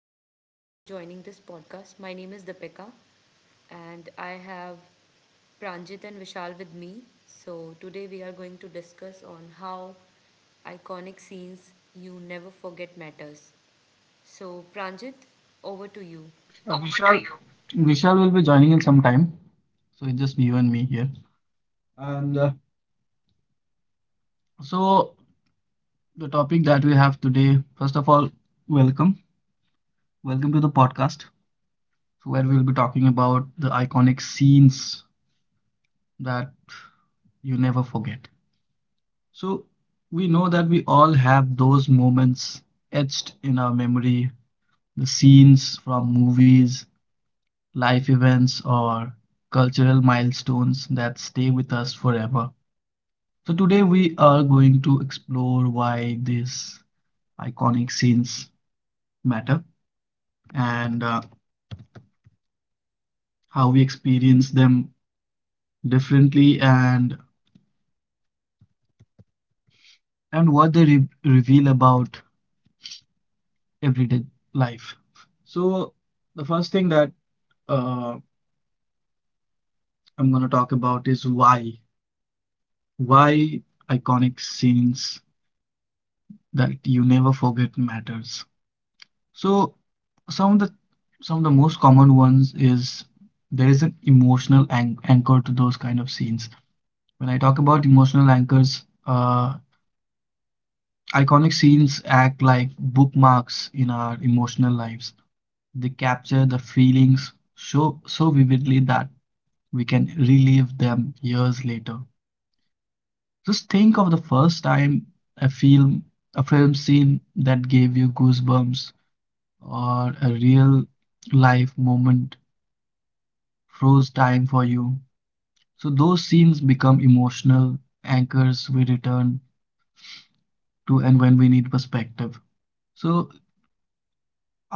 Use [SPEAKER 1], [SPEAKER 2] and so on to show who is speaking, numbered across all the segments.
[SPEAKER 1] you so much for joining this podcast. My name is Dipika, and I have Pranjit and Vishal with me. So, today we are going to discuss on how iconic scenes you never forget matters. So, Pranjit, over to you.
[SPEAKER 2] Vishal, Vishal will be joining in some time. So it's just you and me here. And so the topic that we have today, first of all, welcome. Welcome to the podcast where we'll be talking about the iconic scenes that you never forget. So we know that we all have those moments etched in our memory, the scenes from movies, life events, or cultural milestones that stay with us forever. So today we are going to explore why these iconic scenes matter and how we experience them differently and what they re reveal about everyday life. So the first thing that uh, I'm going to talk about is why why iconic scenes that you never forget matters. So some of the some of the most common ones is there is an emotional an anchor to those kind of scenes. When I talk about emotional anchors, iconic scenes act like bookmarks in our emotional lives. They capture the feelings so vividly that we can relive them years later. Just think of the first time a film a film scene that gave you goosebumps or a real life moment froze time for you. So those scenes become emotional anchors we return to and when we need perspective. So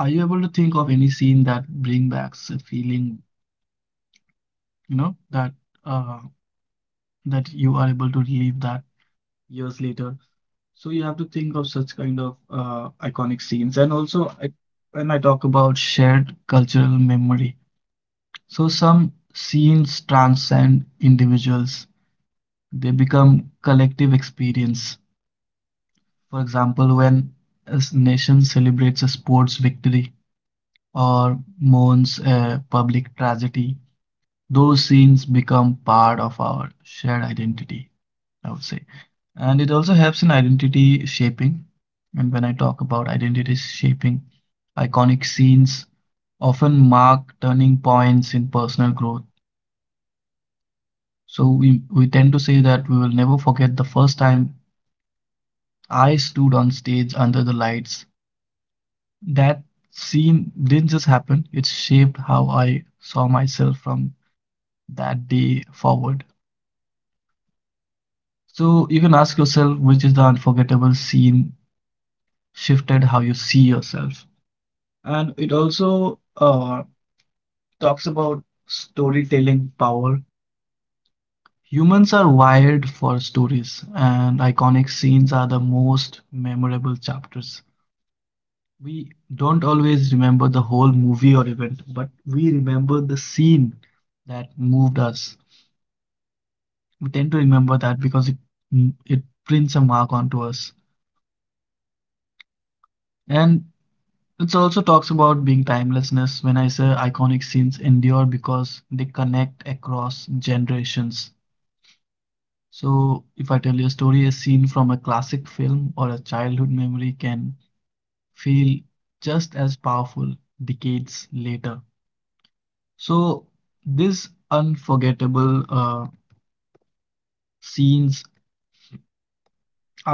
[SPEAKER 2] are you able to think of any scene that bring back a feeling, that uh that you are able to relive that years later? So you have to think of such kind of iconic scenes. And also when I talk about shared cultural memory, so some scenes transcend individuals. They become collective experience. For example, when a nation celebrates a sports victory or mourns a public tragedy, those scenes become part of our shared identity, I would say. And it also helps in identity shaping. And when I talk about identity shaping, iconic scenes often mark turning points in personal growth. So we tend to say that we will never forget the first time I stood on stage under the lights. That scene didn't just happen, it shaped how I saw myself from that day forward. So you can ask yourself which is the unforgettable scene shifted how you see yourself. And it also talks about storytelling power. Humans are wired for stories, and iconic scenes are the most memorable chapters. We don't always remember the whole movie or event, but we remember the scene that moved us. We tend to remember that because it prints a mark onto us. And it also talks about being timelessness when I say iconic scenes endure because they connect across generations. So if I tell you a story, a scene from a classic film or a childhood memory can feel just as powerful decades later. So these unforgettable scenes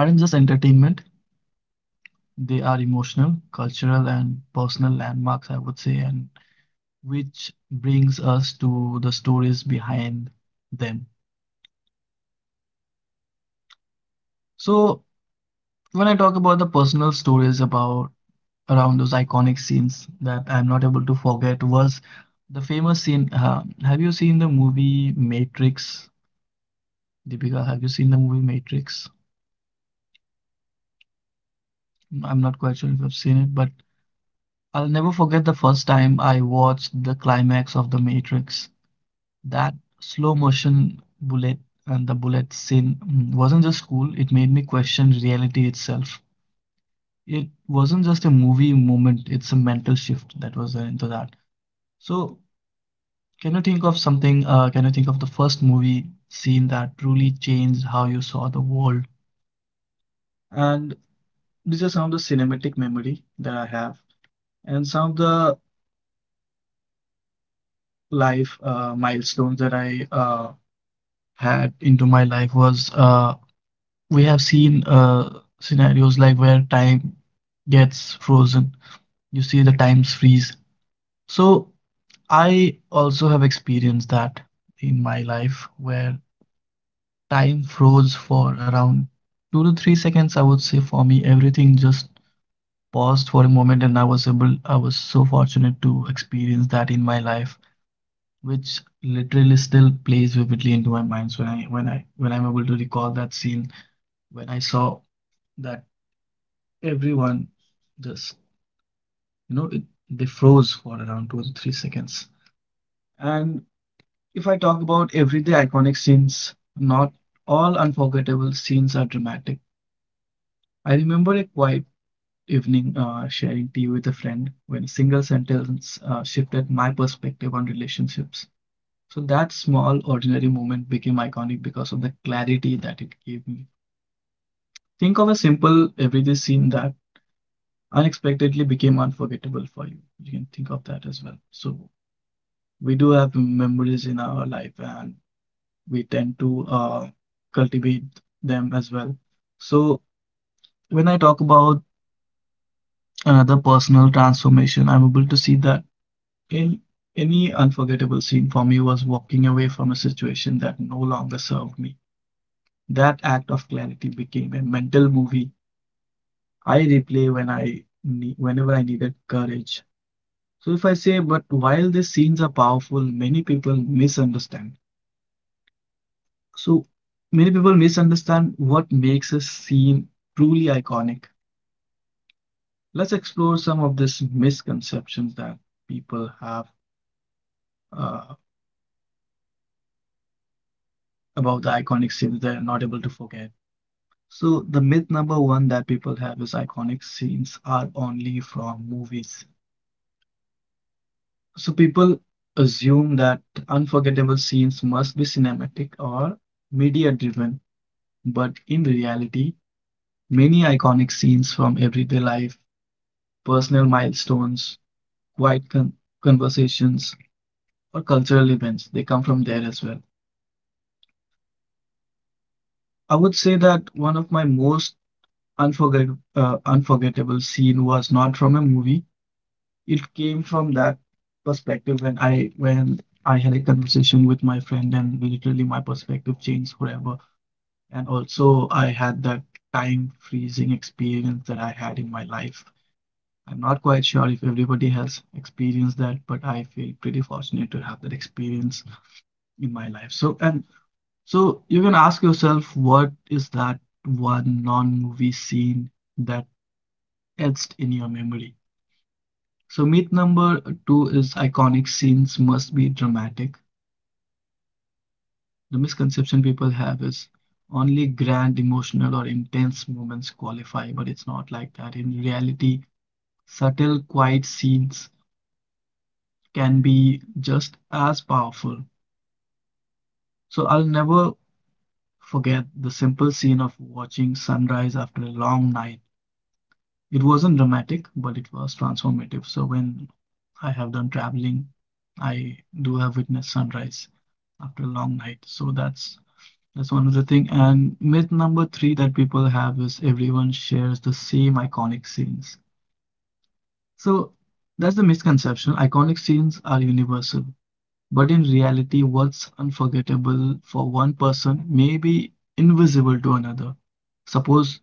[SPEAKER 2] aren't just entertainment. They are emotional, cultural, and personal landmarks, I would say, and which brings us to the stories behind them. So, when I talk about the personal stories about around those iconic scenes that I'm not able to forget was the famous scene. Have you seen the movie Matrix? Deepika, have you seen the movie Matrix? I'm not quite sure if you've seen it, but I'll never forget the first time I watched the climax of The Matrix. That slow motion bullet and the bullet scene wasn't just cool, it made me question reality itself. It wasn't just a movie moment, it's a mental shift that was into that. So, can you think of something? Can you think of the first movie scene that truly changed how you saw the world? And these are some of the cinematic memory that I have, and some of the life milestones that I had into my life was we have seen scenarios like where time gets frozen. You see the times freeze. So I also have experienced that in my life where time froze for around 2 to 3 seconds. I would say for me, everything just paused for a moment, and I was able. I was so fortunate to experience that in my life, which literally still plays vividly into my mind. So when I'm able to recall that scene when I saw that everyone just you know it, they froze for around 2 to 3 seconds. And if I talk about everyday iconic scenes, not all unforgettable scenes are dramatic. I remember a quiet evening sharing tea with a friend when a single sentence shifted my perspective on relationships. So that small ordinary moment became iconic because of the clarity that it gave me. Think of a simple everyday scene that unexpectedly became unforgettable for you. You can think of that as well. So, we do have memories in our life and we tend to cultivate them as well. So when I talk about another personal transformation, I'm able to see that in any unforgettable scene for me was walking away from a situation that no longer served me. That act of clarity became a mental movie I replay whenever I needed courage. So if I say, but while these scenes are powerful, many people misunderstand. So many people misunderstand what makes a scene truly iconic. Let's explore some of these misconceptions that people have uh, about the iconic scenes they're not able to forget. So the myth number one that people have is iconic scenes are only from movies. So people assume that unforgettable scenes must be cinematic or media driven, but in reality, many iconic scenes from everyday life, personal milestones, quiet con- conversations, or cultural events. They come from there as well. I would say that one of my most unforgettable scene was not from a movie. It came from that perspective when I had a conversation with my friend and literally my perspective changed forever. And also I had that time freezing experience that I had in my life. I'm not quite sure if everybody has experienced that, but I feel pretty fortunate to have that experience in my life. And so you can ask yourself, what is that one non-movie scene that etched in your memory? So myth number two is iconic scenes must be dramatic. The misconception people have is only grand, emotional, or intense moments qualify, but it's not like that. In reality, subtle, quiet scenes can be just as powerful. So I'll never forget the simple scene of watching sunrise after a long night. It wasn't dramatic, but it was transformative. So when I have done traveling, I do have witnessed sunrise after a long night. So that's one of the thing. And myth number three that people have is everyone shares the same iconic scenes. So that's the misconception. Iconic scenes are universal, but in reality, what's unforgettable for one person may be invisible to another. Suppose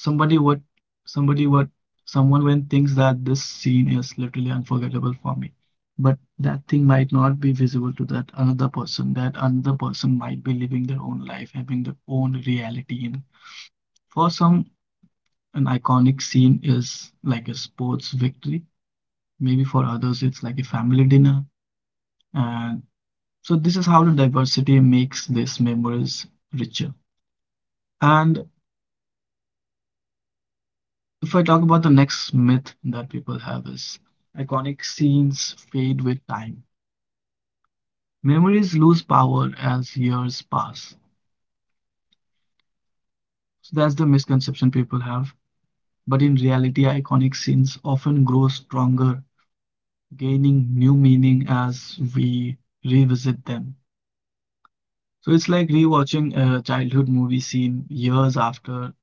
[SPEAKER 2] Somebody what somebody what someone when thinks that this scene is literally unforgettable for me. But that thing might not be visible to that another person. That another person might be living their own life, having their own reality. And for some, an iconic scene is like a sports victory. Maybe for others, it's like a family dinner. And so this is how the diversity makes these memories richer. And if I talk about the next myth that people have is iconic scenes fade with time. Memories lose power as years pass. So that's the misconception people have. But in reality, iconic scenes often grow stronger, gaining new meaning as we revisit them. So it's like rewatching a childhood movie scene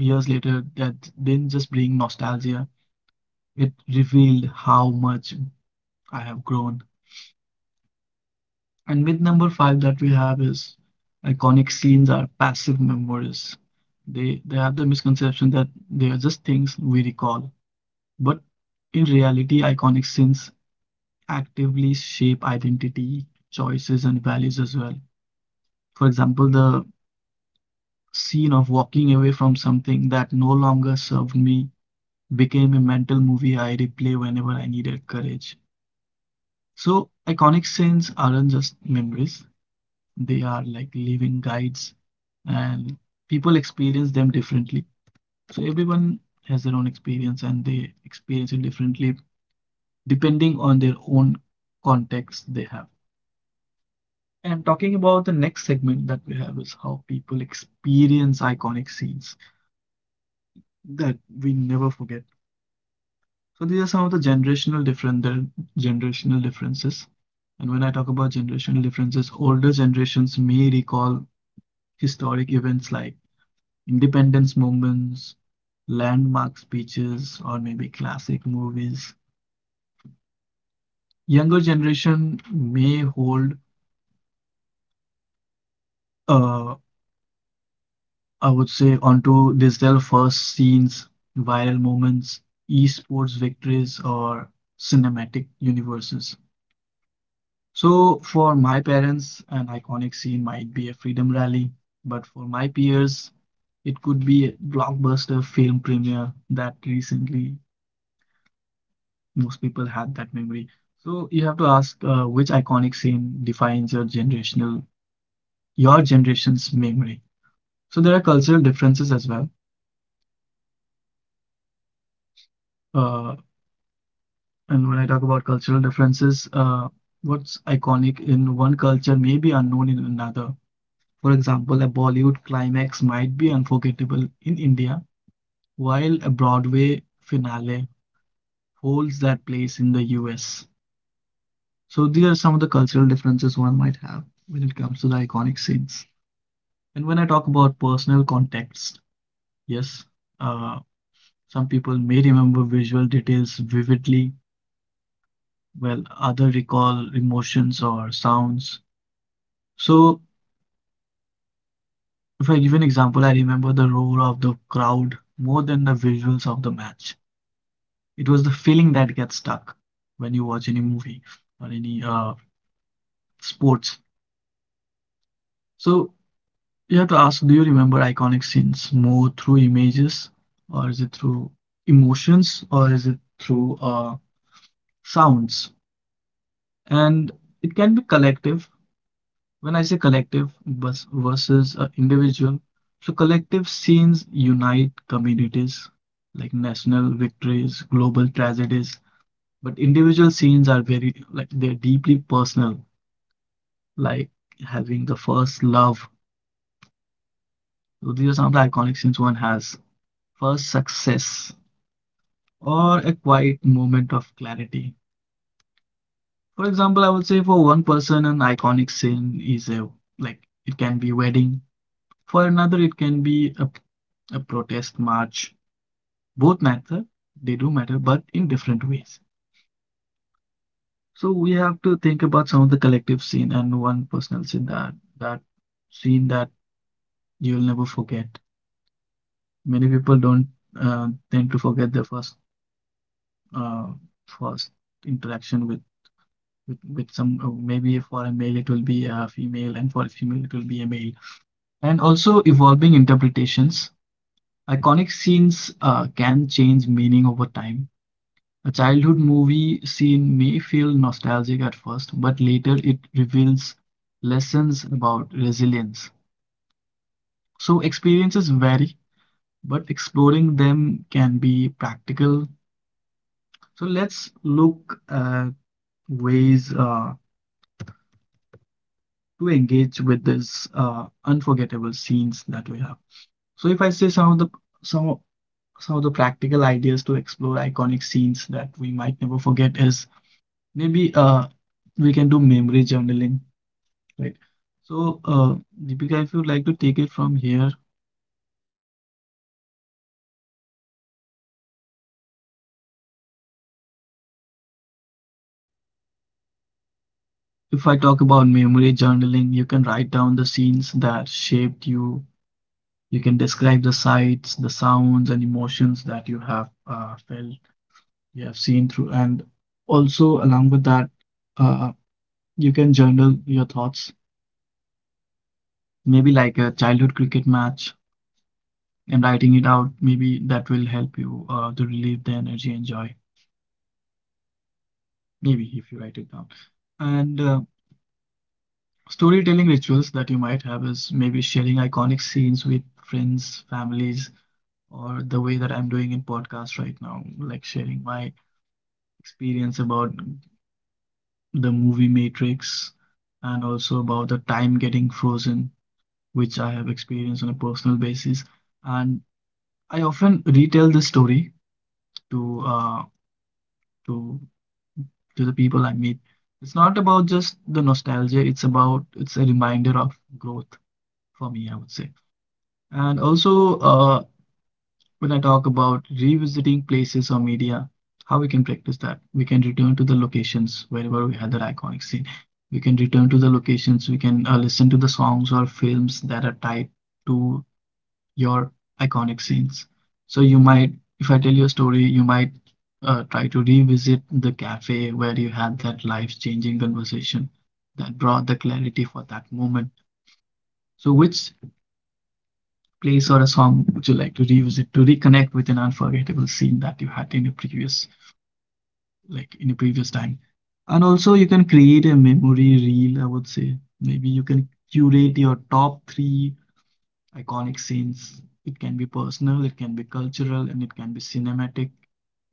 [SPEAKER 2] years later, that didn't just bring nostalgia, it revealed how much I have grown. And myth number five that we have is iconic scenes are passive memories. They have the misconception that they are just things we recall. But in reality, iconic scenes actively shape identity, choices, and values as well. For example, the scene of walking away from something that no longer served me became a mental movie I replay whenever I needed courage. So iconic scenes aren't just memories. They are like living guides and people experience them differently. So everyone has their own experience and they experience it differently depending on their own context they have. And talking about the next segment that we have is how people experience iconic scenes that we never forget. So these are some of the generational different the generational differences. And when I talk about generational differences, older generations may recall historic events like Independence movements, landmark speeches, or maybe classic movies. Younger generation may hold, uh, I would say, onto these their first scenes, viral moments, esports victories, or cinematic universes. So for my parents, an iconic scene might be a freedom rally, but for my peers, it could be a blockbuster film premiere that recently most people had that memory. So you have to ask which iconic scene defines your your generation's memory. So there are cultural differences as well. Uh, and when I talk about cultural differences, what's iconic in one culture may be unknown in another. For example, a Bollywood climax might be unforgettable in India, while a Broadway finale holds that place in the US. So these are some of the cultural differences one might have when it comes to the iconic scenes. And when I talk about personal context, yes, uh, some people may remember visual details vividly, while other recall emotions or sounds. So if I give an example, I remember the roar of the crowd more than the visuals of the match. It was the feeling that gets stuck when you watch any movie or any sports. So you have to ask, do you remember iconic scenes more through images, or is it through emotions, or is it through sounds? And it can be collective. When I say collective bus versus individual, so collective scenes unite communities like national victories, global tragedies, but individual scenes are very, like, they're deeply personal, like having the first love. So these are some of the iconic scenes one has: first success or a quiet moment of clarity. For example, I would say for one person an iconic scene is a, like, it can be wedding. For another, it can be a protest march. Both matter, they do matter, but in different ways. So we have to think about some of the collective scene and one personal scene that that scene that you'll never forget. Many people don't tend to forget their first uh, first interaction with with some maybe for a male it will be a female and for a female it will be a male. And also evolving interpretations. Iconic scenes can change meaning over time. A childhood movie scene may feel nostalgic at first, but later it reveals lessons about resilience. So experiences vary, but exploring them can be practical. So let's look at ways to engage with these unforgettable scenes that we have. So if I say some of- some of the practical ideas to explore iconic scenes that we might never forget is, maybe we can do memory journaling. Right. So, Deepika, if you like to take it from here, if I talk about memory journaling, you can write down the scenes that shaped you. You can describe the sights, the sounds, and emotions that you have felt, you have seen through. And also, along with that, uh, you can journal your thoughts, maybe like a childhood cricket match, and writing it out. Maybe that will help you to relieve the energy and joy. Maybe if you write it down. And Storytelling rituals that you might have is maybe sharing iconic scenes with friends, families, or the way that I'm doing in podcast right now, like sharing my experience about the movie Matrix and also about the time getting frozen, which I have experienced on a personal basis. And I often retell this story to uh, to to the people I meet. It's not about just the nostalgia, it's a reminder of growth for me, I would say. And also, when I talk about revisiting places or media, how we can practice that? We can return to the locations wherever we had that iconic scene. We can return to the locations, we can listen to the songs or films that are tied to your iconic scenes. So you might, if I tell you a story, you might try to revisit the cafe where you had that life-changing conversation that brought the clarity for that moment. So which place or a song would you like to revisit to reconnect with an unforgettable scene that you had in a previous, like in a previous time? And also, you can create a memory reel, I would say. Maybe you can curate your top three iconic scenes. It can be personal, it can be cultural, and it can be cinematic,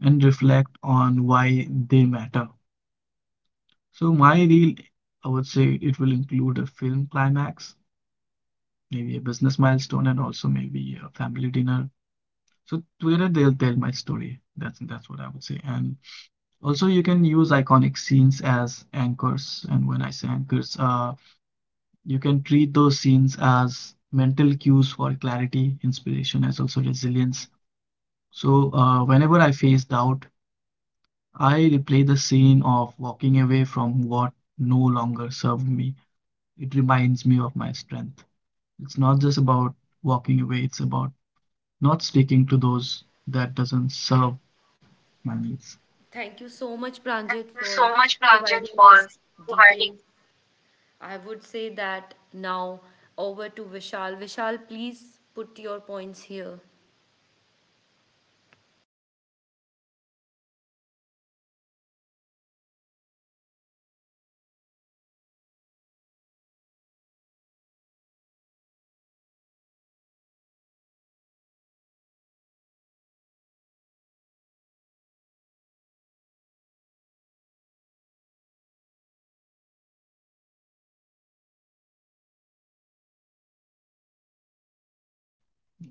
[SPEAKER 2] and reflect on why they matter. So, my reel, I would say it will include a film climax, maybe a business milestone, and also maybe a family dinner. So Twitter, they'll tell my story. That's what I would say. And also, you can use iconic scenes as anchors. And when I say anchors, you can treat those scenes as mental cues for clarity, inspiration, as also resilience. So whenever I face doubt, I replay the scene of walking away from what no longer served me. It reminds me of my strength. It's not just about walking away. It's about not sticking to those that doesn't serve my needs.
[SPEAKER 1] Thank you so much,
[SPEAKER 2] Thank
[SPEAKER 1] Pranjit,
[SPEAKER 2] you
[SPEAKER 1] for
[SPEAKER 2] so much, Pranjit,
[SPEAKER 1] providing this
[SPEAKER 2] for providing.
[SPEAKER 1] detail. I would say that now over to Vishal. Vishal, please put your points here.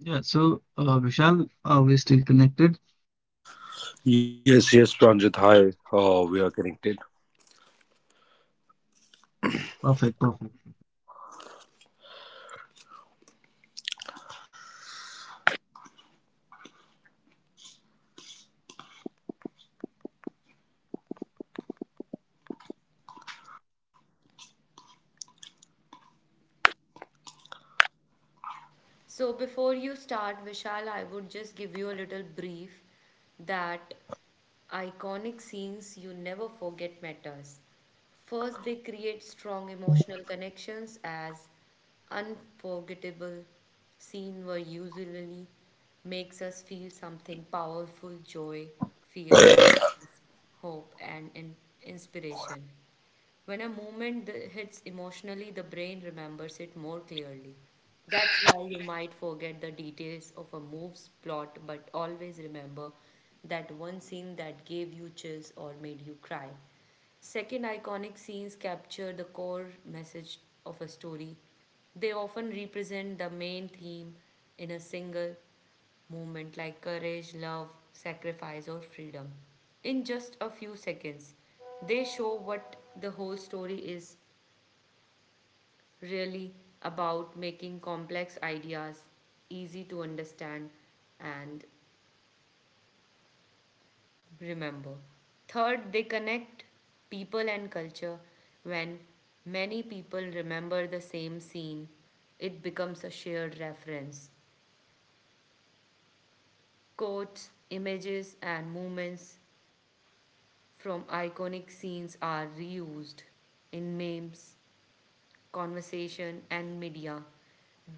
[SPEAKER 2] Yeah, so Vishal, are we still connected?
[SPEAKER 3] Yes, yes, Pranjit. Hi. Oh, we are connected.
[SPEAKER 2] Perfect, perfect.
[SPEAKER 1] So before you start, Vishal, I would just give you a little brief that iconic scenes you never forget matters. First, they create strong emotional connections as unforgettable scene were usually makes us feel something powerful, joy, fear, feelings, hope, and inspiration. When a moment hits emotionally, the brain remembers it more clearly. That's why you might forget the details of a move's plot, but always remember that one scene that gave you chills or made you cry. Second, iconic scenes capture the core message of a story. They often represent the main theme in a single movement like courage, love, sacrifice, or freedom. In just a few seconds, they show what the whole story is really about making complex ideas easy to understand and remember. Third, they connect people and culture. When many people remember the same scene, it becomes a shared reference. Quotes, images, and movements from iconic scenes are reused in memes, conversation, and media.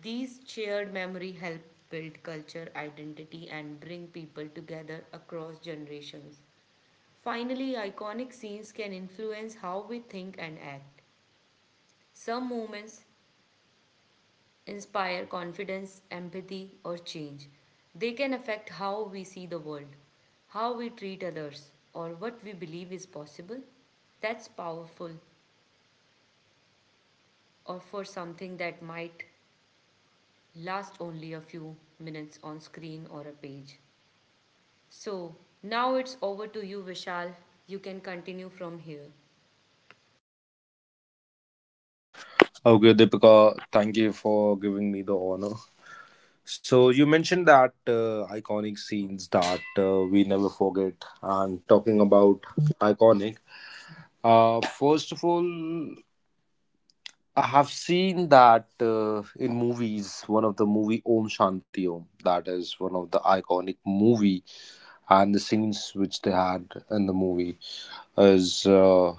[SPEAKER 1] These shared memory help build culture, identity, and bring people together across generations. Finally, iconic scenes can influence how we think and act. Some moments inspire confidence, empathy, or change. They can affect how we see the world, how we treat others, or what we believe is possible. That's powerful or for something that might last only a few minutes on screen or a page. So now it's over to you, Vishal. You can continue from here.
[SPEAKER 3] Okay, Deepika, thank you for giving me the honor. So, you mentioned that iconic scenes that we never forget, and talking about iconic, first of all, I have seen that in movies, one of the movie Om Shanti Om, that is one of the iconic movie, and the scenes which they had in the movie is.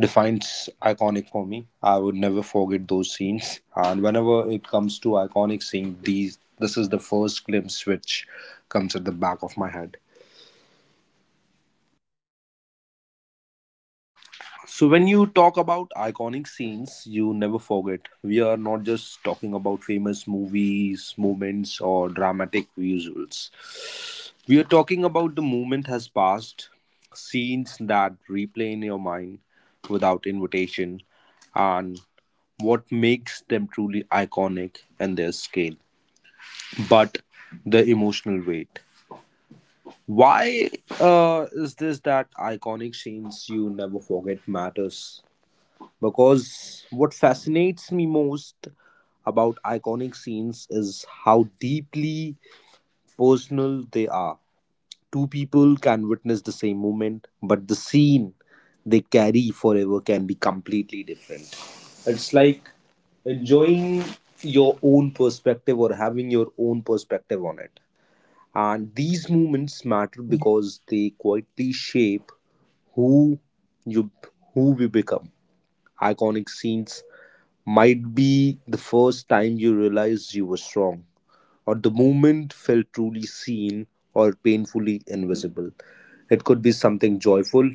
[SPEAKER 3] Defines iconic for me. I would never forget those scenes. And whenever it comes to iconic scene, these this is the first glimpse which comes at the back of my head. So when you talk about iconic scenes, you never forget. We are not just talking about famous movies, moments, or dramatic visuals. We are talking about the moment has passed, scenes that replay in your mind without invitation, and what makes them truly iconic and their scale, but the emotional weight. Why is this that iconic scenes you never forget matters? Because what fascinates me most about iconic scenes is how deeply personal they are. Two people can witness the same moment, but the scene they carry forever can be completely different. It's like enjoying your own perspective or having your own perspective on it. And these moments matter because they quietly shape who you who we become. Iconic scenes might be the first time you realize you were strong, or the moment felt truly seen or painfully invisible. It could be something joyful,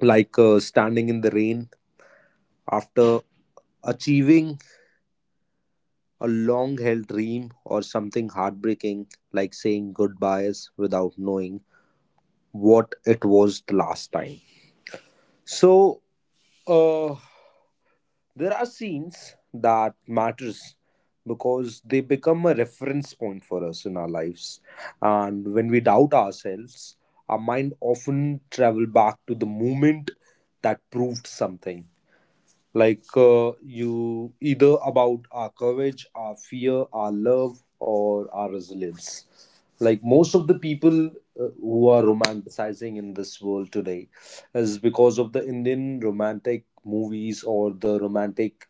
[SPEAKER 3] like standing in the rain after achieving a long held dream, or something heartbreaking, like saying goodbyes without knowing what it was the last time. So, uh, There are scenes that matters because they become a reference point for us in our lives. And when we doubt ourselves, our mind often travel back to the moment that proved something, like you either about our courage, our fear, our love, or our resilience. Like most of the people who are romanticizing in this world today is because of the indian romantic movies or the romantic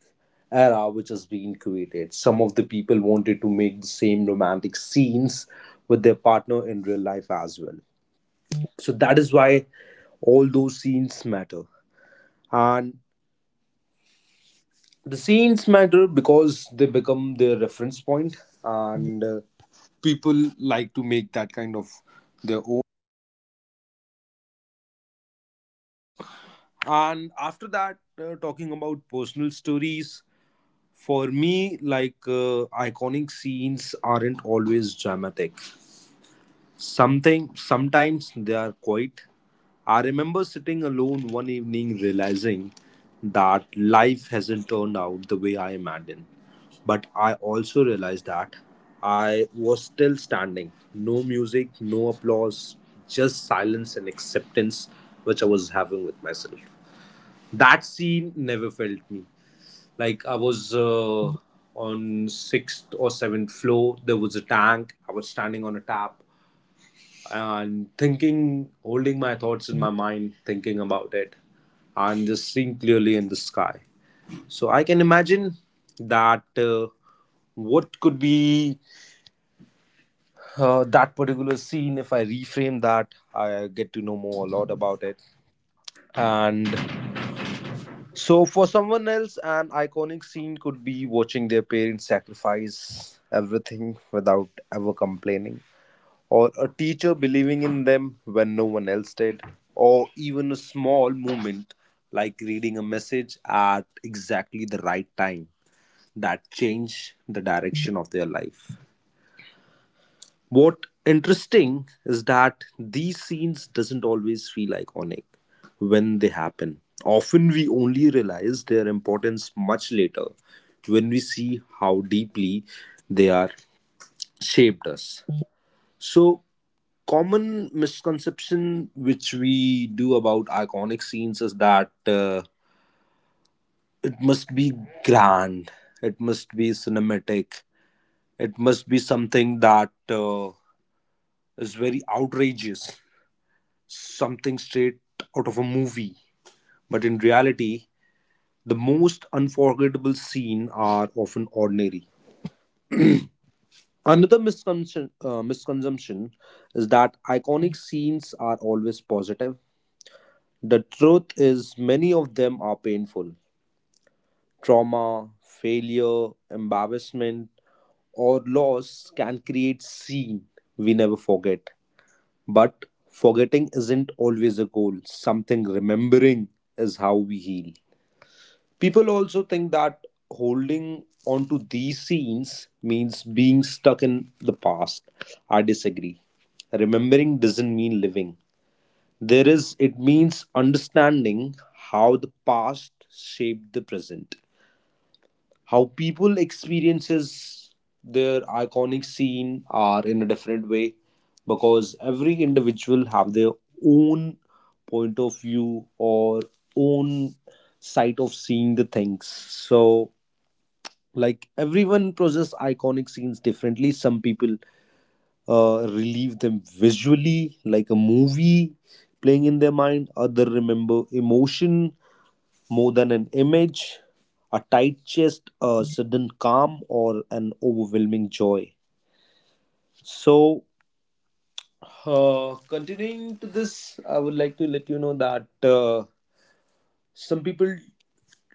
[SPEAKER 3] era which has been created. Some of the people wanted to make the same romantic scenes with their partner in real life as well, so that is why all those scenes matter. And the scenes matter because they become their reference point, and people like to make that kind of their own. And after that, talking about personal stories, for me, like iconic scenes aren't always dramatic. Something, sometimes they are quiet. I remember sitting alone one evening realizing that life hasn't turned out the way I imagined. But I also realized that I was still standing. No music, no applause, just silence and acceptance which I was having with myself. That scene never felt me. Like I was on 6th or 7th floor, there was a tank, I was standing on a tap and thinking, holding my thoughts in my mind, thinking about it, and just seeing clearly in the sky. So I can imagine that what could be that particular scene if I reframe that. I get to know more a lot about it. And so, for someone else, an iconic scene could be watching their parents sacrifice everything without ever complaining, or a teacher believing in them when no one else did, or even a small moment like reading a message at exactly the right time that change the direction of their life. What interesting is that these scenes doesn't always feel iconic when they happen. Often we only realize their importance much later when we see how deeply they are shaped us. So, common misconception which we do about iconic scenes is that it must be grand, it must be cinematic, it must be something that is very outrageous, something straight out of a movie, but in reality the most unforgettable scene are often ordinary. Another misconception, is that iconic scenes are always positive. The truth is, many of them are painful. Trauma, failure, embarrassment, or loss can create scene we never forget. But forgetting isn't always a goal. Something remembering is how we heal. People also think that holding on to these scenes means being stuck in the past. I disagree. Remembering doesn't mean living. There is, it means understanding how the past shaped the present, how people experiences their iconic scene are in a different way, because every individual have their own point of view or own sight of seeing the things. So, like everyone process iconic scenes differently, some people relieve them visually, like a movie playing in their mind. Other remember emotion more than an image, a tight chest, a sudden calm, or an overwhelming joy. So, Continuing to this, I would like to let you know that some people,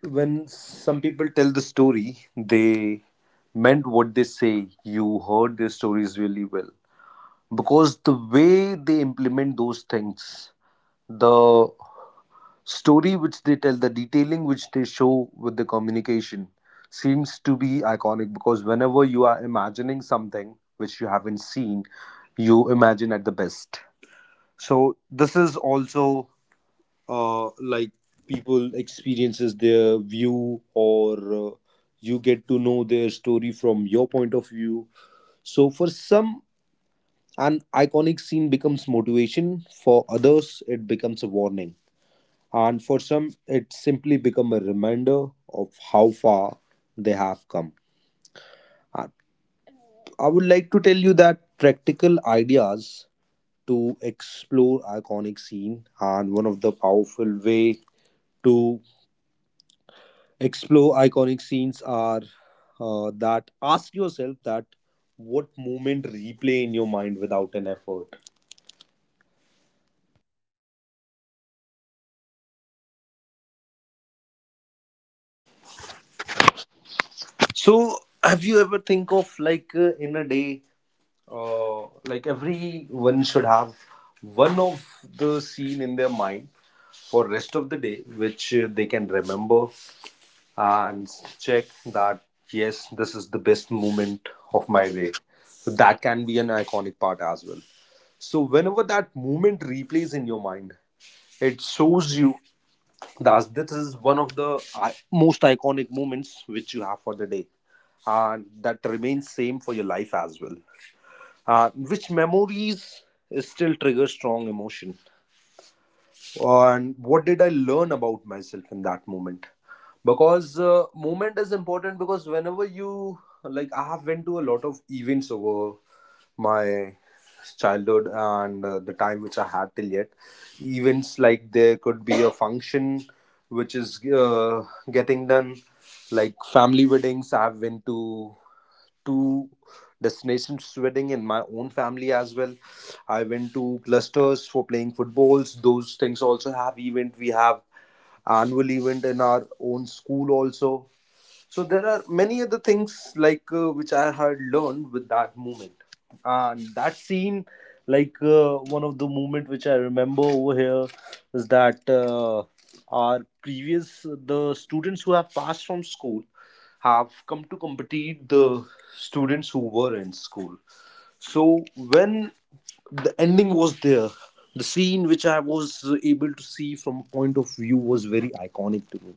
[SPEAKER 3] when some people tell the story, they meant what they say. You heard their stories really well, because the way they implement those things, the story which they tell, the detailing which they show with the communication seems to be iconic, because whenever you are imagining something which you haven't seen, you imagine at the best. So this is also, like people experiences their view, or you get to know their story from your point of view. So for some an iconic scene becomes motivation, for others, it becomes a warning, and for some, it simply becomes a reminder of how far they have come. I I would like to tell you that practical ideas to explore iconic scene, and one of the powerful way to explore iconic scenes are that ask yourself that what moment replay in your mind without an effort. So, have you ever think of like in a day, uh, like everyone should have one of the scene in their mind for rest of the day, which they can remember and check that yes, this is the best moment of my day. So that can be an iconic part as well. So whenever that moment replays in your mind, it shows you. Thus, this is one of the most iconic moments which you have for the day, and that remains same for your life as well. Which memories still trigger strong emotion? And what did I learn about myself in that moment? Because moment is important, because whenever you, like I have went to a lot of events over my childhood, and the time which I had till yet, events like there could be a function which is getting done, like family weddings. I've been to two destination wedding in my own family as well. I went to clusters for playing footballs, those things also have event. We have annual event in our own school also. So there are many other things like which I had learned with that movement, and that scene, like one of the moment which I remember over here is that our previous, the students who have passed from school have come to compete the students who were in school. So when the ending was there, the scene which I was able to see from point of view was very iconic to me,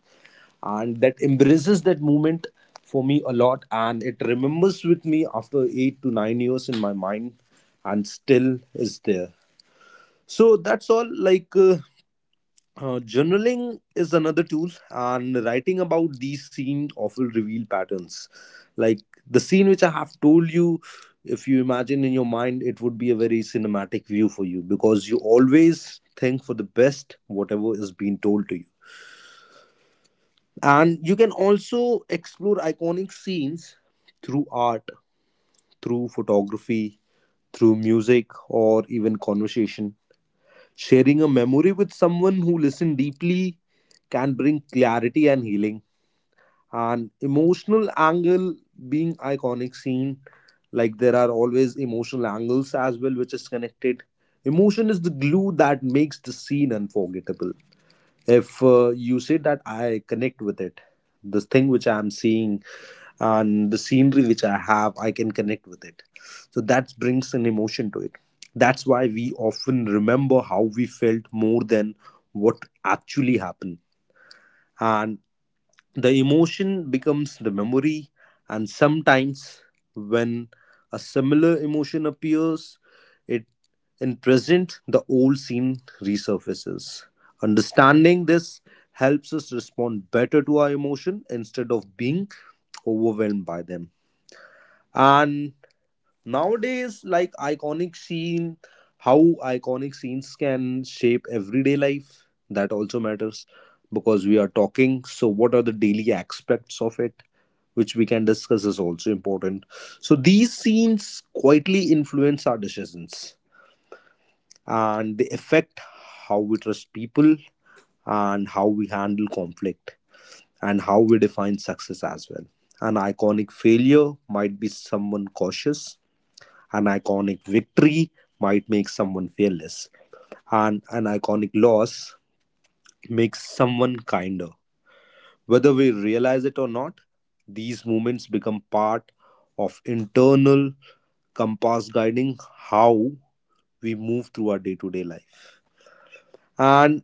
[SPEAKER 3] and that embraces that moment for me a lot, and it remembers with me after 8 to 9 years in my mind and still is there. So that's all, like journaling is another tool, and writing about these scenes often reveal patterns, like the scene which I have told you, if you imagine in your mind it would be a very cinematic view for you because you always think for the best whatever is being told to you. And you can also explore iconic scenes through art, through photography, through music, or even conversation. Sharing a memory with someone who listened deeply can bring clarity and healing. And emotional angle being iconic scene, like there are always emotional angles as well which is connected. Emotion is the glue that makes the scene unforgettable. If you say that I connect with it, the thing which I'm seeing and the scenery which I have, I can connect with it, so that brings an emotion to it. That's why we often remember how we felt more than what actually happened. And the emotion becomes the memory, and sometimes when a similar emotion appears, it in present the old scene resurfaces. Understanding this helps us respond better to our emotion instead of being overwhelmed by them. And nowadays, like iconic scene, how iconic scenes can shape everyday life, that also matters, because we are talking, so what are the daily aspects of it which we can discuss is also important. So these scenes quietly influence our decisions, and they affect how we trust people, and how we handle conflict, and how we define success as well. An iconic failure might be someone cautious, an iconic victory might make someone fearless, and an iconic loss makes someone kinder. Whether we realize it or not, these moments become part of internal compass guiding how we move through our day to day life. And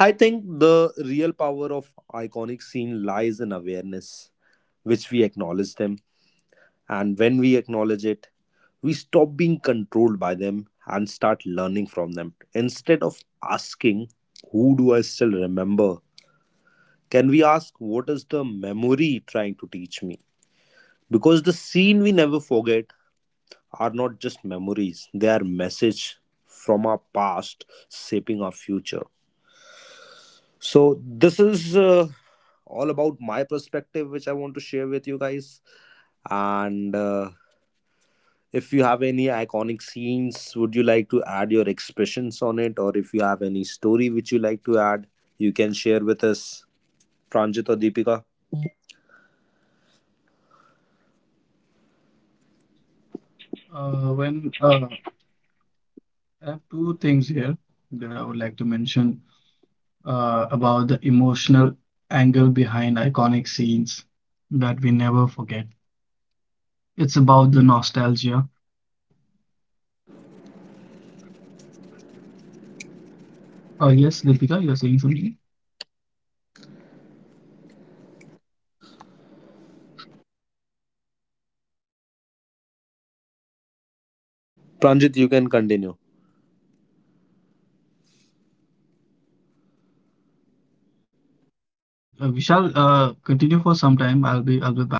[SPEAKER 3] I think the real power of iconic scene lies in awareness, which we acknowledge them. And when we acknowledge it, we stop being controlled by them and start learning from them. Instead of asking, who do I still remember, can we ask, what is the memory trying to teach me? Because the scene we never forget are not just memories, they are message from our past shaping our future. So, this is all about my perspective, which I want to share with you guys. And If you have any iconic scenes, would you like to add your expressions on it? Or if you have any story which you like to add, you can share with us, Pranjit or Deepika.
[SPEAKER 2] When I have two things here that I would like to mention about the emotional angle behind iconic scenes that we never forget. It's about the nostalgia. Oh yes, Deepika, you're saying something.
[SPEAKER 3] Pranjit, you can continue.
[SPEAKER 2] Vishal, continue for some time. I'll be back.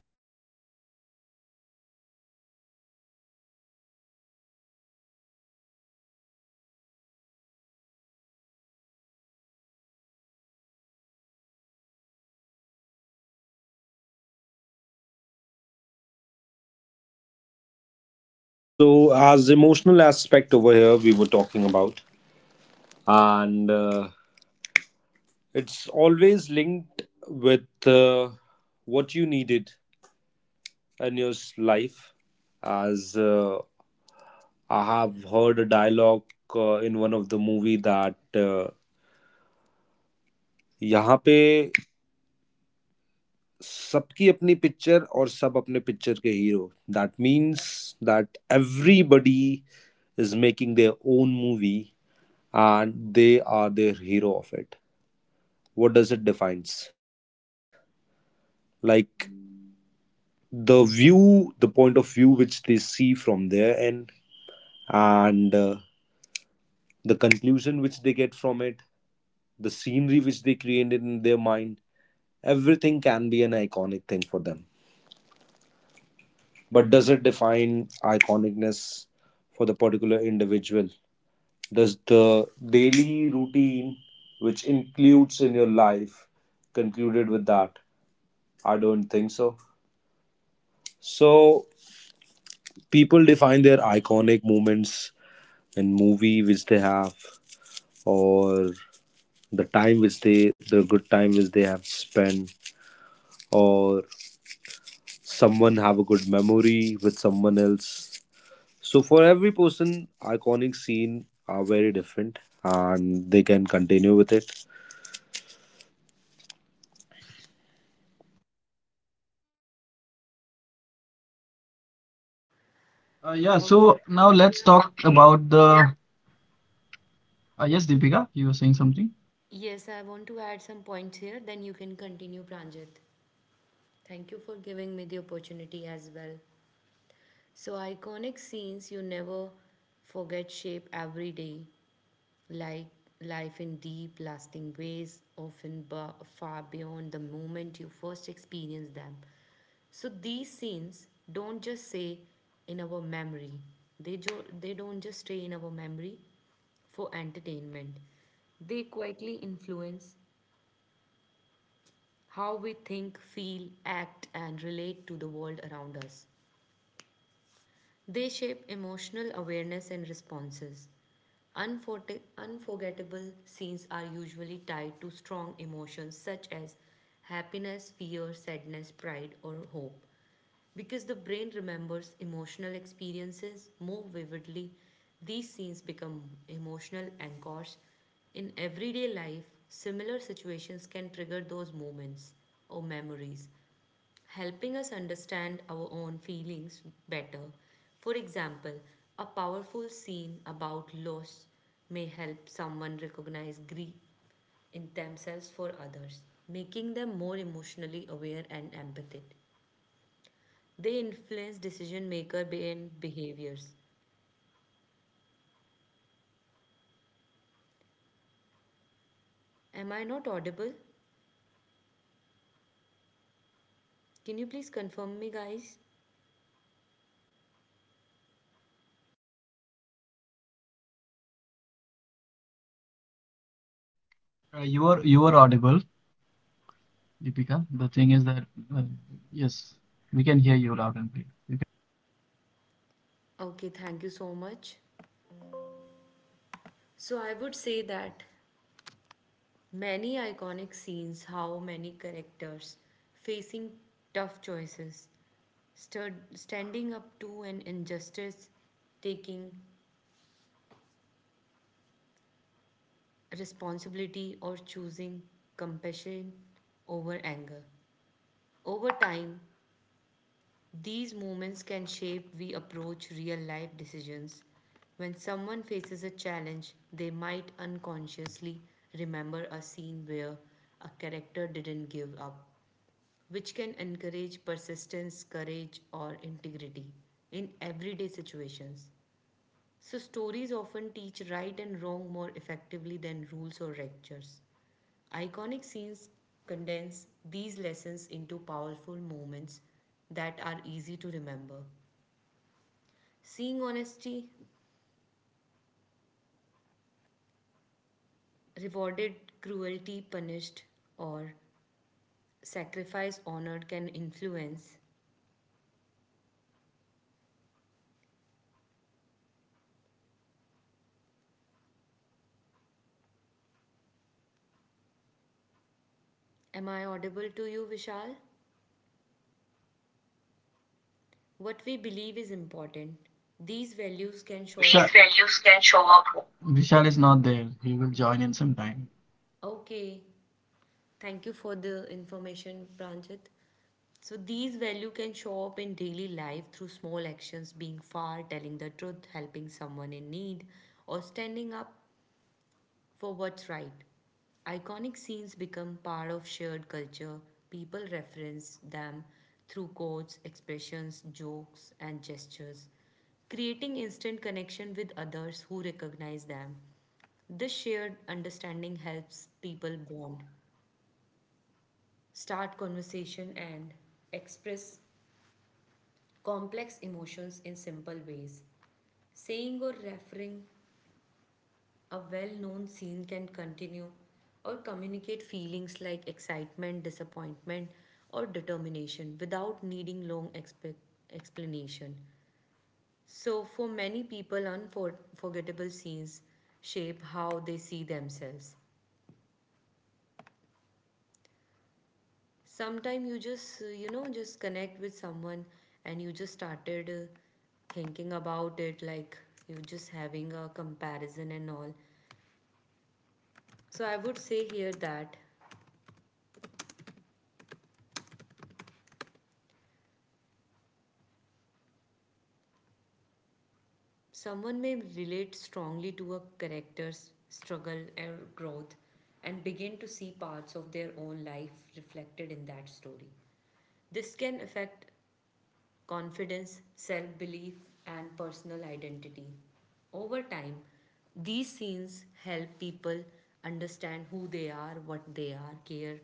[SPEAKER 3] So, as emotional aspect over here, we were talking about, and it's always linked with what you needed in your life. As I have heard a dialogue in one of the movie that यहाँ पे सबकी अपनी picture और सब अपने picture के hero that means that everybody is making their own movie and they are their hero of it. What does it defines, like the view, the point of view which they see from their end, and the conclusion which they get from it, the scenery which they created in their mind, everything can be an iconic thing for them. But does it define iconicness for the particular individual? Does the daily routine which includes in your life concluded with that? I don't think so. So people define their iconic moments in movie which they have, or the time which they, the good time which they have spent, or someone have a good memory with someone else. So for every person, iconic scene are very different, and they can continue with it.
[SPEAKER 2] Yeah. So
[SPEAKER 1] Okay.
[SPEAKER 2] now let's talk about the. Yes, Deepika, you were saying something.
[SPEAKER 1] Yes, I want to add some points here, then you can continue, Pranjit. Thank you for giving me the opportunity as well. So, iconic scenes you never forget shape every day like life in deep, lasting ways, often far beyond the moment you first experience them. So these scenes don't just stay in our memory. They don't just stay in our memory for entertainment. They quietly influence how we think, feel, act, and relate to the world around us. They shape emotional awareness and responses. Unforgettable scenes are usually tied to strong emotions such as happiness, fear, sadness, pride, or hope. Because the brain remembers emotional experiences more vividly, these scenes become emotional anchors. In everyday life, similar situations can trigger those moments or memories, helping us understand our own feelings better. For example, a powerful scene about loss may help someone recognize grief in themselves for others, making them more emotionally aware and empathetic. They influence decision maker and behaviors. Am I not audible? Can you please confirm me, guys?
[SPEAKER 2] You are you are audible, Deepika. The thing is that uh, yes, we can hear you loud and clear. You can-
[SPEAKER 1] Okay, thank you so much. So, I would say that many iconic scenes, how many characters facing tough choices, standing up to an injustice, taking responsibility, or choosing compassion over anger. Over time, these moments can shape we approach real life decisions. When someone faces a challenge, they might unconsciously remember a scene where a character didn't give up, which can encourage persistence, courage, or integrity in everyday situations. So, stories often teach right and wrong more effectively than rules or lectures. Iconic scenes condense these lessons into powerful moments that are easy to remember. Seeing honesty rewarded, cruelty punished, or sacrifice honored can influence. Am I audible to you, Vishal? What we believe is important. These values can
[SPEAKER 2] These
[SPEAKER 1] show up.
[SPEAKER 2] Vishal, values can show up. Vishal is not there. He will join in some time.
[SPEAKER 1] Okay, thank you for the information, Pranjit. So these value can show up in daily life through small actions, being far, telling the truth, helping someone in need, or standing up for what's right. Iconic scenes become part of shared culture. People reference them through quotes, expressions, jokes, and gestures, creating instant connection with others who recognize them. This shared understanding helps people bond, start conversation, and express complex emotions in simple ways. Saying or referring a well known scene can continue or communicate feelings like excitement, disappointment, or determination without needing long explanation. So, for many people, unforgettable scenes shape how they see themselves. Sometimes you just, you know, just connect with someone and you just started thinking about it like you're just having a comparison and all. So, I would say here that someone may relate strongly to a character's struggle or growth and begin to see parts of their own life reflected in that story. This can affect confidence, self belief, and personal identity. Over time, these scenes help people understand who they are, what they are, care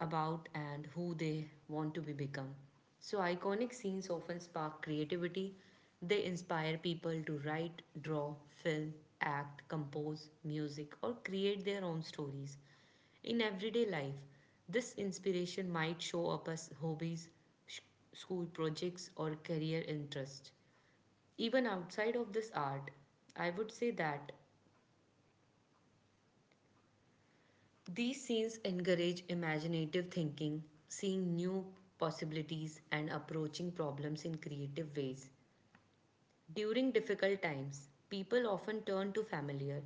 [SPEAKER 1] about, and who they want to be become. So, iconic scenes often spark creativity. They inspire people to write, draw, film, act, compose music, or create their own stories. In everyday life, this inspiration might show up as hobbies, school projects or career interests. Even outside of this art, I would say that these scenes encourage imaginative thinking, seeing new possibilities, and approaching problems in creative ways. During difficult times, people often turn to familiar,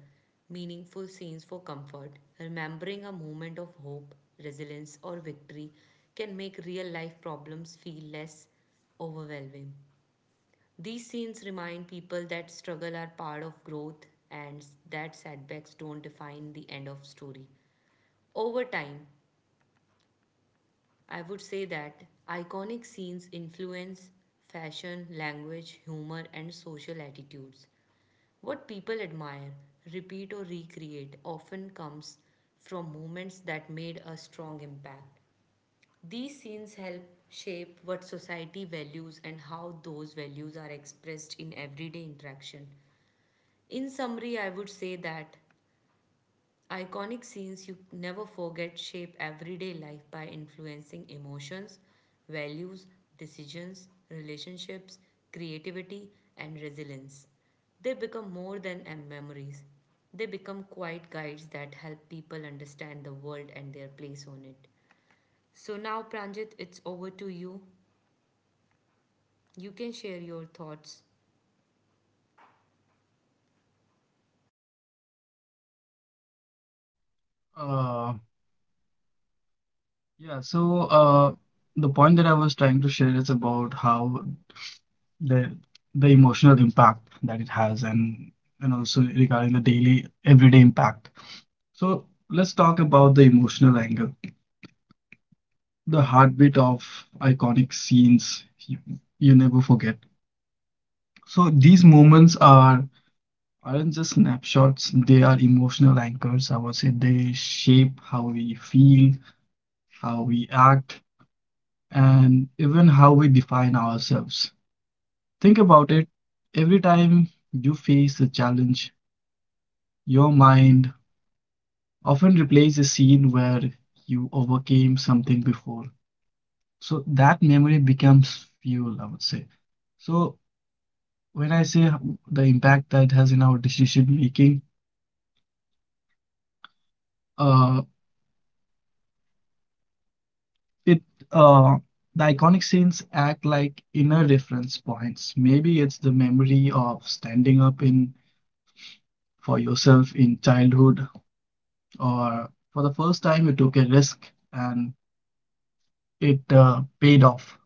[SPEAKER 1] meaningful scenes for comfort. Remembering a moment of hope, resilience, or victory can make real life problems feel less overwhelming. These scenes remind people that struggle are part of growth and that setbacks don't define the end of story. Over time, I would say that iconic scenes influence fashion, language, humor and social attitudes. What people admire, repeat or recreate often comes from moments that made a strong impact. These scenes help shape what society values and how those values are expressed in everyday interaction. In summary, I would say that iconic scenes you never forget shape everyday life by influencing emotions, values, decisions, relationships, creativity, and resilience. They become more than memories, they become quiet guides that help people understand the world and their place on it. So now, Pranjit, it's over to you. You can share your thoughts.
[SPEAKER 2] Uh, yeah, so uh, the point that I was trying to share is about how the the emotional impact that it has, and also regarding the daily everyday impact. So let's talk about the emotional angle, the heartbeat of iconic scenes you never forget. So these moments are aren't just snapshots, they are emotional anchors. I would say they shape how we feel, how we act, and even how we define ourselves. Think about it. Every time you face a challenge, your mind often replays a scene where you overcame something before. So that memory becomes fuel, I would say. So when I say the impact that has in our decision making, uh, it uh the iconic scenes act like inner reference points. Maybe it's the memory of standing up in for yourself in childhood, or for the first time you took a risk and it paid off.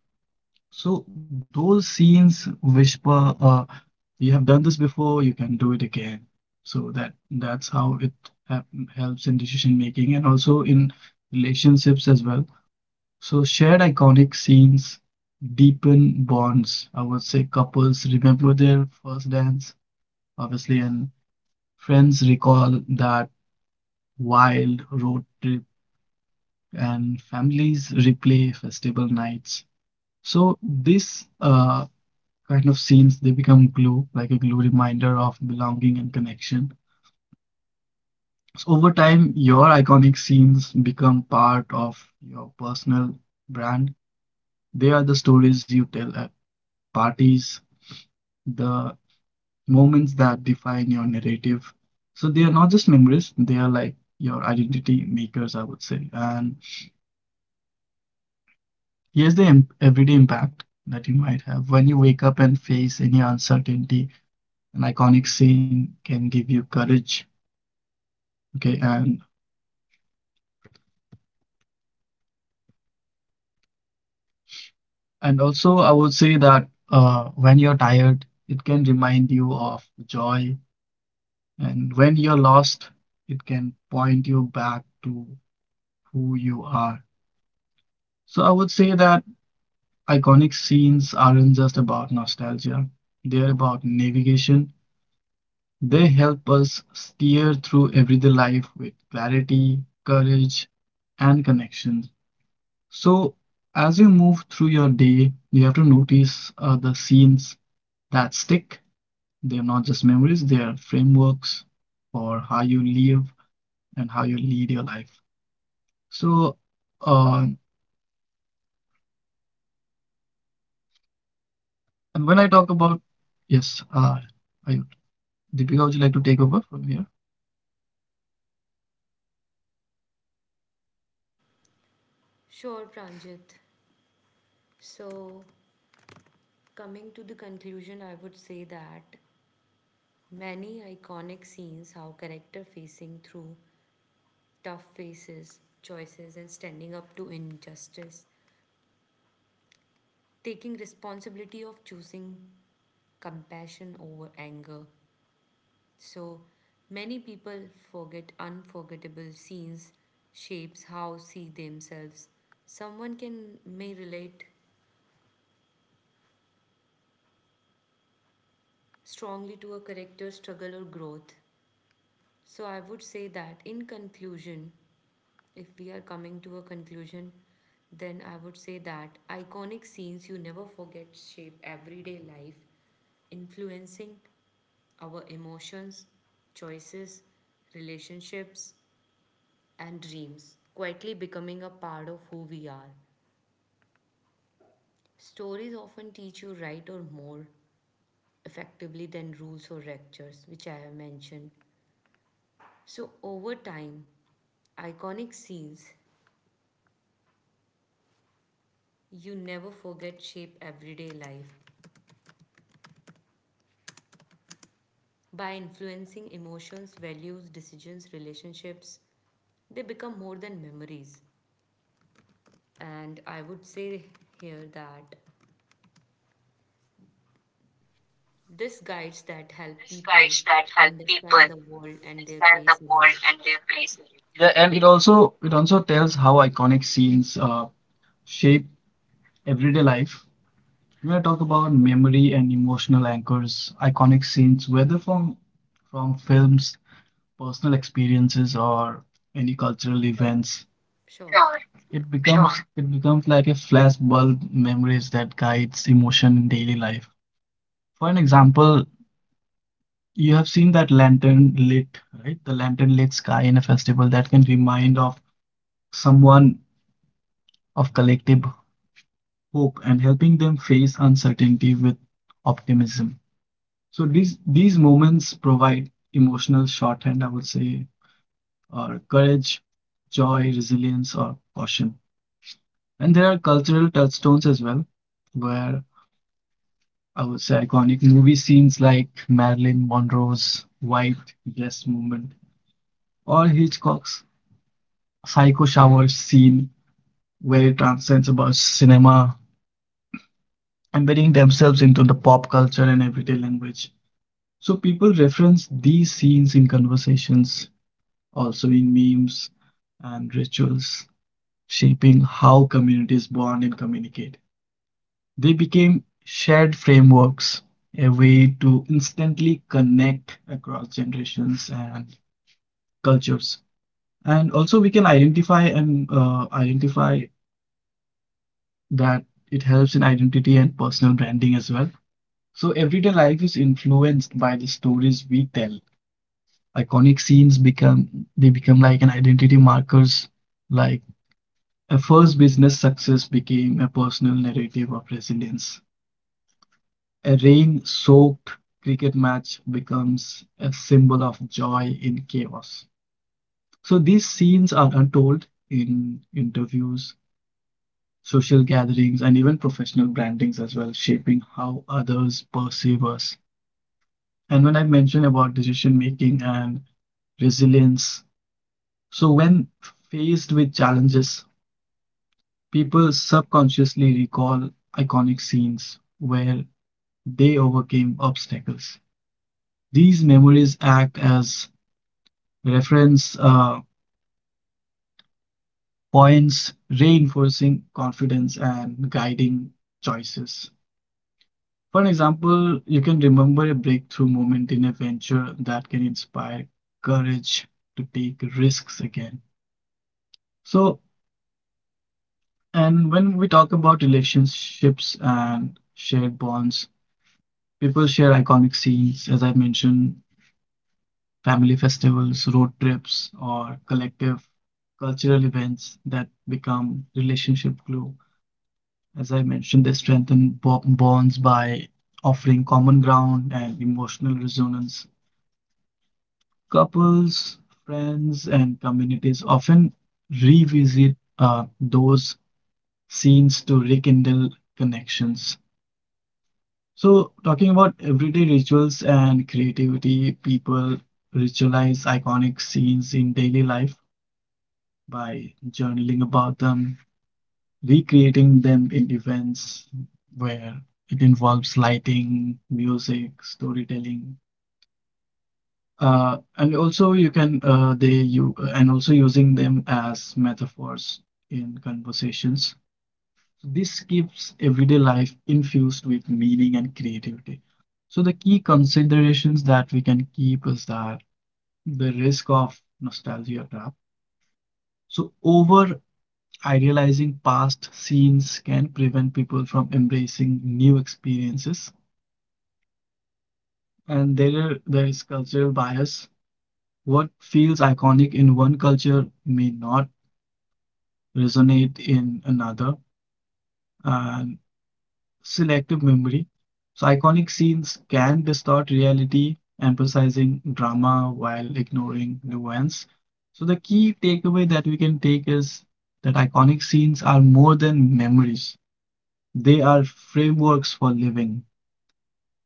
[SPEAKER 2] So those scenes whisper, "You have done this before. You can do it again." So that's how it helps in decision making and also in relationships as well. So shared iconic scenes deepen bonds. I would say couples remember their first dance, obviously, and friends recall that wild road trip, and families replay festival nights. So this kind of scenes they become glue, like a glue reminder of belonging and connection. So over time, your iconic scenes become part of your personal brand. They are the stories you tell at parties, the moments that define your narrative. So they are not just memories, they are like your identity makers, I would say. And here's the everyday impact that you might have when you wake up and face any uncertainty. An iconic scene can give you courage. Okay, and also I would say that when you're tired, it can remind you of joy, and when you're lost, it can point you back to who you are. So I would say that iconic scenes aren't just about nostalgia, they're about navigation. They help us steer through everyday life with clarity, courage, and connection. So, as you move through your day, you have to notice the scenes that stick. They're not just memories, they are frameworks for how you live and how you lead your life. So, uh, and when I talk about, yes, uh, I, Deepika, would you like to take over from here?
[SPEAKER 1] Sure, Pranjit. So, coming to the conclusion, I would say that many iconic scenes how character facing through tough faces, choices, and standing up to injustice, taking responsibility of choosing compassion over anger. So many people forget unforgettable scenes shapes how see themselves. Someone can may relate strongly to a character's struggle or growth. So I would say that in conclusion, if we are coming to a conclusion, then I would say that iconic scenes you never forget shape everyday life, influencing our emotions, choices, relationships, and dreams, quietly becoming a part of who we are. Stories often teach you right or more effectively than rules or lectures, which I have mentioned. So, over time, iconic scenes you never forget shape everyday life by influencing emotions, values, decisions, relationships, they become more than memories. And I would say here that this guides that help
[SPEAKER 2] These
[SPEAKER 1] people
[SPEAKER 2] guides that help people
[SPEAKER 1] understand the world and their
[SPEAKER 2] understand the
[SPEAKER 1] place in
[SPEAKER 2] world
[SPEAKER 1] it.
[SPEAKER 2] and their place in it. Yeah, and it also tells how iconic scenes shape everyday life. When I talk about memory and emotional anchors, iconic scenes, whether from films, personal experiences, or any cultural
[SPEAKER 1] Sure,
[SPEAKER 2] events,
[SPEAKER 1] sure.
[SPEAKER 2] Sure, it sure. becomes sure. it becomes like a flashbulb memories that guides emotion in daily life. For an example, you have seen that lantern lit, right? The lantern lit sky in a festival that can remind of someone of collective hope and helping them face uncertainty with optimism. So these moments provide emotional shorthand, I would say, or courage, joy, resilience, or caution. And there are cultural touchstones as well, where I would say iconic movie scenes like Marilyn Monroe's white dress movement or Hitchcock's psycho shower scene, where it transcends about cinema, embedding themselves into the pop culture and everyday language. So people reference these scenes in conversations, also in memes and rituals, shaping how communities bond and communicate. They became shared frameworks, a way to instantly connect across generations and cultures. And also, we can identify and identify that it helps in identity and personal branding as well. So everyday life is influenced by the stories we tell. Iconic scenes become They become like an identity markers, like a first business success became a personal narrative of resilience. A rain-soaked cricket match becomes a symbol of joy in chaos. So these scenes are untold in interviews, social gatherings, and even professional brandings as well, shaping how others perceive us. And when I mentioned about decision making and resilience, so when faced with challenges, people subconsciously recall iconic scenes where they overcame obstacles. These memories act as reference points, reinforcing confidence and guiding choices. For an example, you can remember a breakthrough moment in a venture that can inspire courage to take risks again. So, and when we talk about relationships and shared bonds, people share iconic scenes, as I mentioned, family festivals, road trips, or collective cultural events that become relationship glue. As I mentioned, they strengthen bonds by offering common ground and emotional resonance. Couples, friends, and communities often revisit those scenes to rekindle connections. So, talking about everyday rituals and creativity, people ritualize iconic scenes in daily life by journaling about them, recreating them in events where it involves lighting, music, storytelling. And also you can they you and also using them as metaphors in conversations. So this keeps everyday life infused with meaning and creativity. So the key considerations that we can keep is that the risk of nostalgia trap. So over idealizing past scenes can prevent people from embracing new experiences. There is cultural bias. What feels iconic in one culture may not resonate in another, and selective memory. So, iconic scenes can distort reality, emphasizing drama while ignoring nuance. So, the key takeaway that we can take is that iconic scenes are more than memories, they are frameworks for living.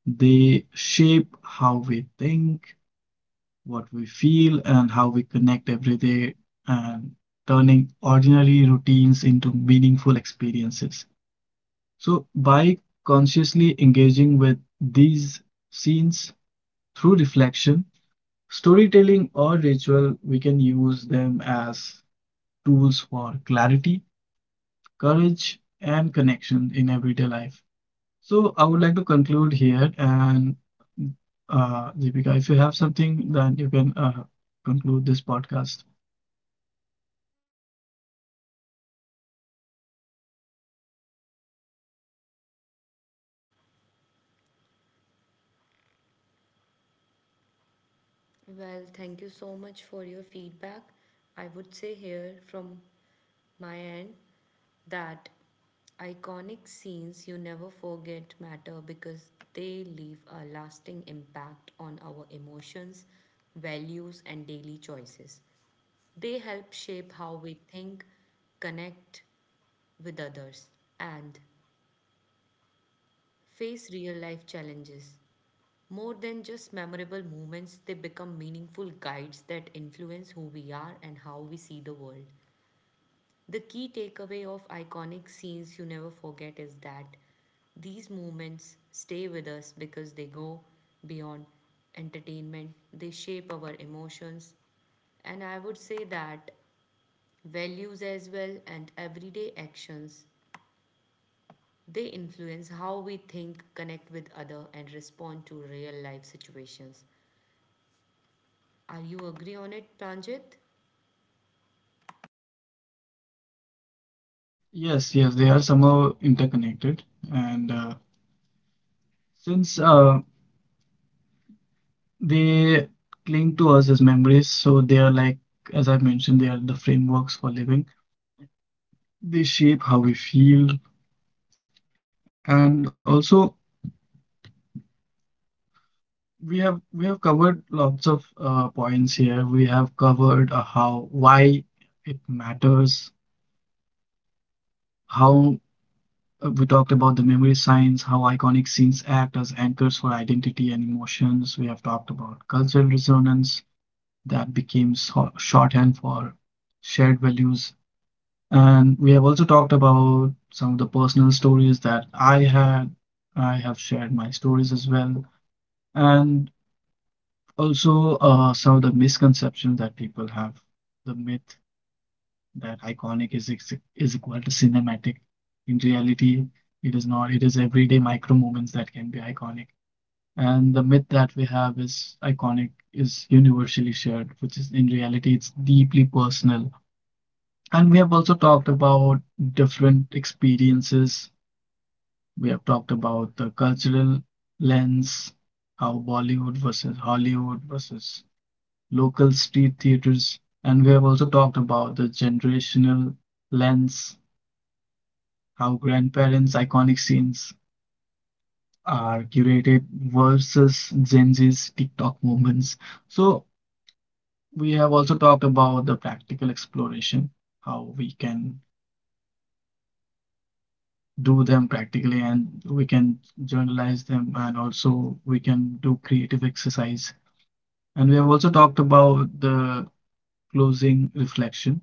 [SPEAKER 2] They shape how we think, what we feel, and how we connect every day, and turning ordinary routines into meaningful experiences. So, by consciously engaging with these scenes through reflection, storytelling, or ritual, we can use them as tools for clarity, courage, and connection in everyday life. So, I would like to conclude here. And Deepika, if you have something, then you can conclude this podcast.
[SPEAKER 1] Well, thank you so much for your feedback. I would say here from my end that iconic scenes you never forget matter because they leave a lasting impact on our emotions, values, and daily choices. They help shape how we think, connect with others, and face real life challenges. More than just memorable moments, they become meaningful guides that influence who we are and how we see the world. The key takeaway of iconic scenes you never forget is that these moments stay with us because they go beyond entertainment, they shape our emotions, and I would say that values as well and everyday actions they influence how we think, connect with other and respond to real life situations. Are you agree on it, Pranjit?
[SPEAKER 2] Yes, yes, they are somehow interconnected, and since they cling to us as memories, so they are like, as I mentioned, they are the frameworks for living. They shape how we feel, and also we have covered lots of points here. We have covered how why it matters, how we talked about the memory science, how iconic scenes act as anchors for identity and emotions. We have talked about cultural resonance that became shorthand for shared values. And we have also talked about some of the personal stories that I had. I have shared my stories as well, and also some of the misconceptions that people have. The myth that iconic is equal to cinematic. In reality, it is not. It is everyday micro moments that can be iconic. And the myth that we have is iconic is universally shared, which is in reality, it's deeply personal. And we have also talked about different experiences. We have talked about the cultural lens, how Bollywood versus Hollywood versus local street theaters. And we have also talked about the generational lens, how grandparents' iconic scenes are curated versus Gen Z's TikTok moments. So we have also talked about the practical exploration, how we can do them practically and we can journalize them and also we can do creative exercise. And we have also talked about the closing reflection.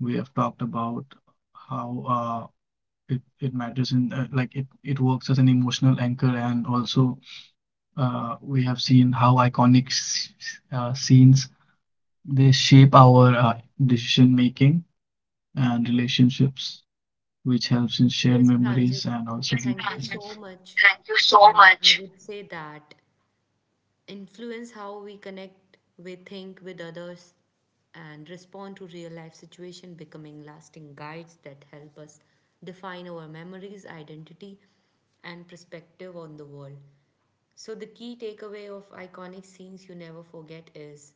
[SPEAKER 2] We have talked about how it matters in like it works as an emotional anchor and also we have seen how iconic scenes they shape our decision making and relationships which helps in shared
[SPEAKER 1] Yes,
[SPEAKER 2] memories
[SPEAKER 1] Pranjit,
[SPEAKER 2] and also yes, deep.
[SPEAKER 1] thank you so much.
[SPEAKER 2] Thank you so
[SPEAKER 1] And I
[SPEAKER 2] much.
[SPEAKER 1] would say that influence how we connect, we think with others, and respond to real life situation, becoming lasting guides that help us define our memories, identity, and perspective on the world. So, the key takeaway of iconic scenes you never forget is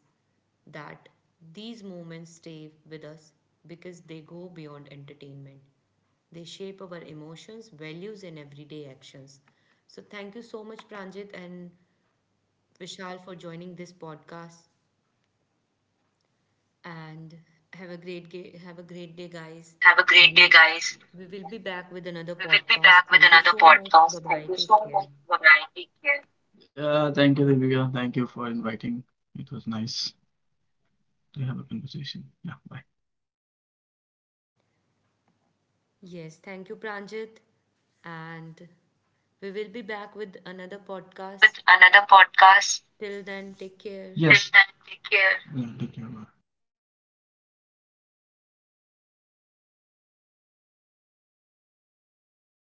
[SPEAKER 1] that these moments stay with us because they go beyond entertainment. They shape our emotions, values, and everyday actions. So, thank you so much, Pranjit and Vishal, for joining this podcast. And have a great day, have a great day, guys.
[SPEAKER 2] Okay, have a great day,
[SPEAKER 1] And
[SPEAKER 2] guys.
[SPEAKER 1] we will be back with another
[SPEAKER 2] We will be
[SPEAKER 1] podcast.
[SPEAKER 2] back with
[SPEAKER 1] Thank you
[SPEAKER 2] another
[SPEAKER 1] so much.
[SPEAKER 2] podcast.
[SPEAKER 1] Bye
[SPEAKER 2] Thank
[SPEAKER 1] bye.
[SPEAKER 2] you
[SPEAKER 1] Take
[SPEAKER 2] so
[SPEAKER 1] care.
[SPEAKER 2] much. Bye bye. Take care. Yeah, thank you, Divya. Thank you for inviting. It was nice to have a conversation. Yeah, bye.
[SPEAKER 1] Yes, thank you, Pranjit. And we will be back with another
[SPEAKER 2] Back
[SPEAKER 1] podcast.
[SPEAKER 2] with another podcast.
[SPEAKER 1] Till then, take care.
[SPEAKER 2] Yes. Till then, take care. Yeah, take care. Bye.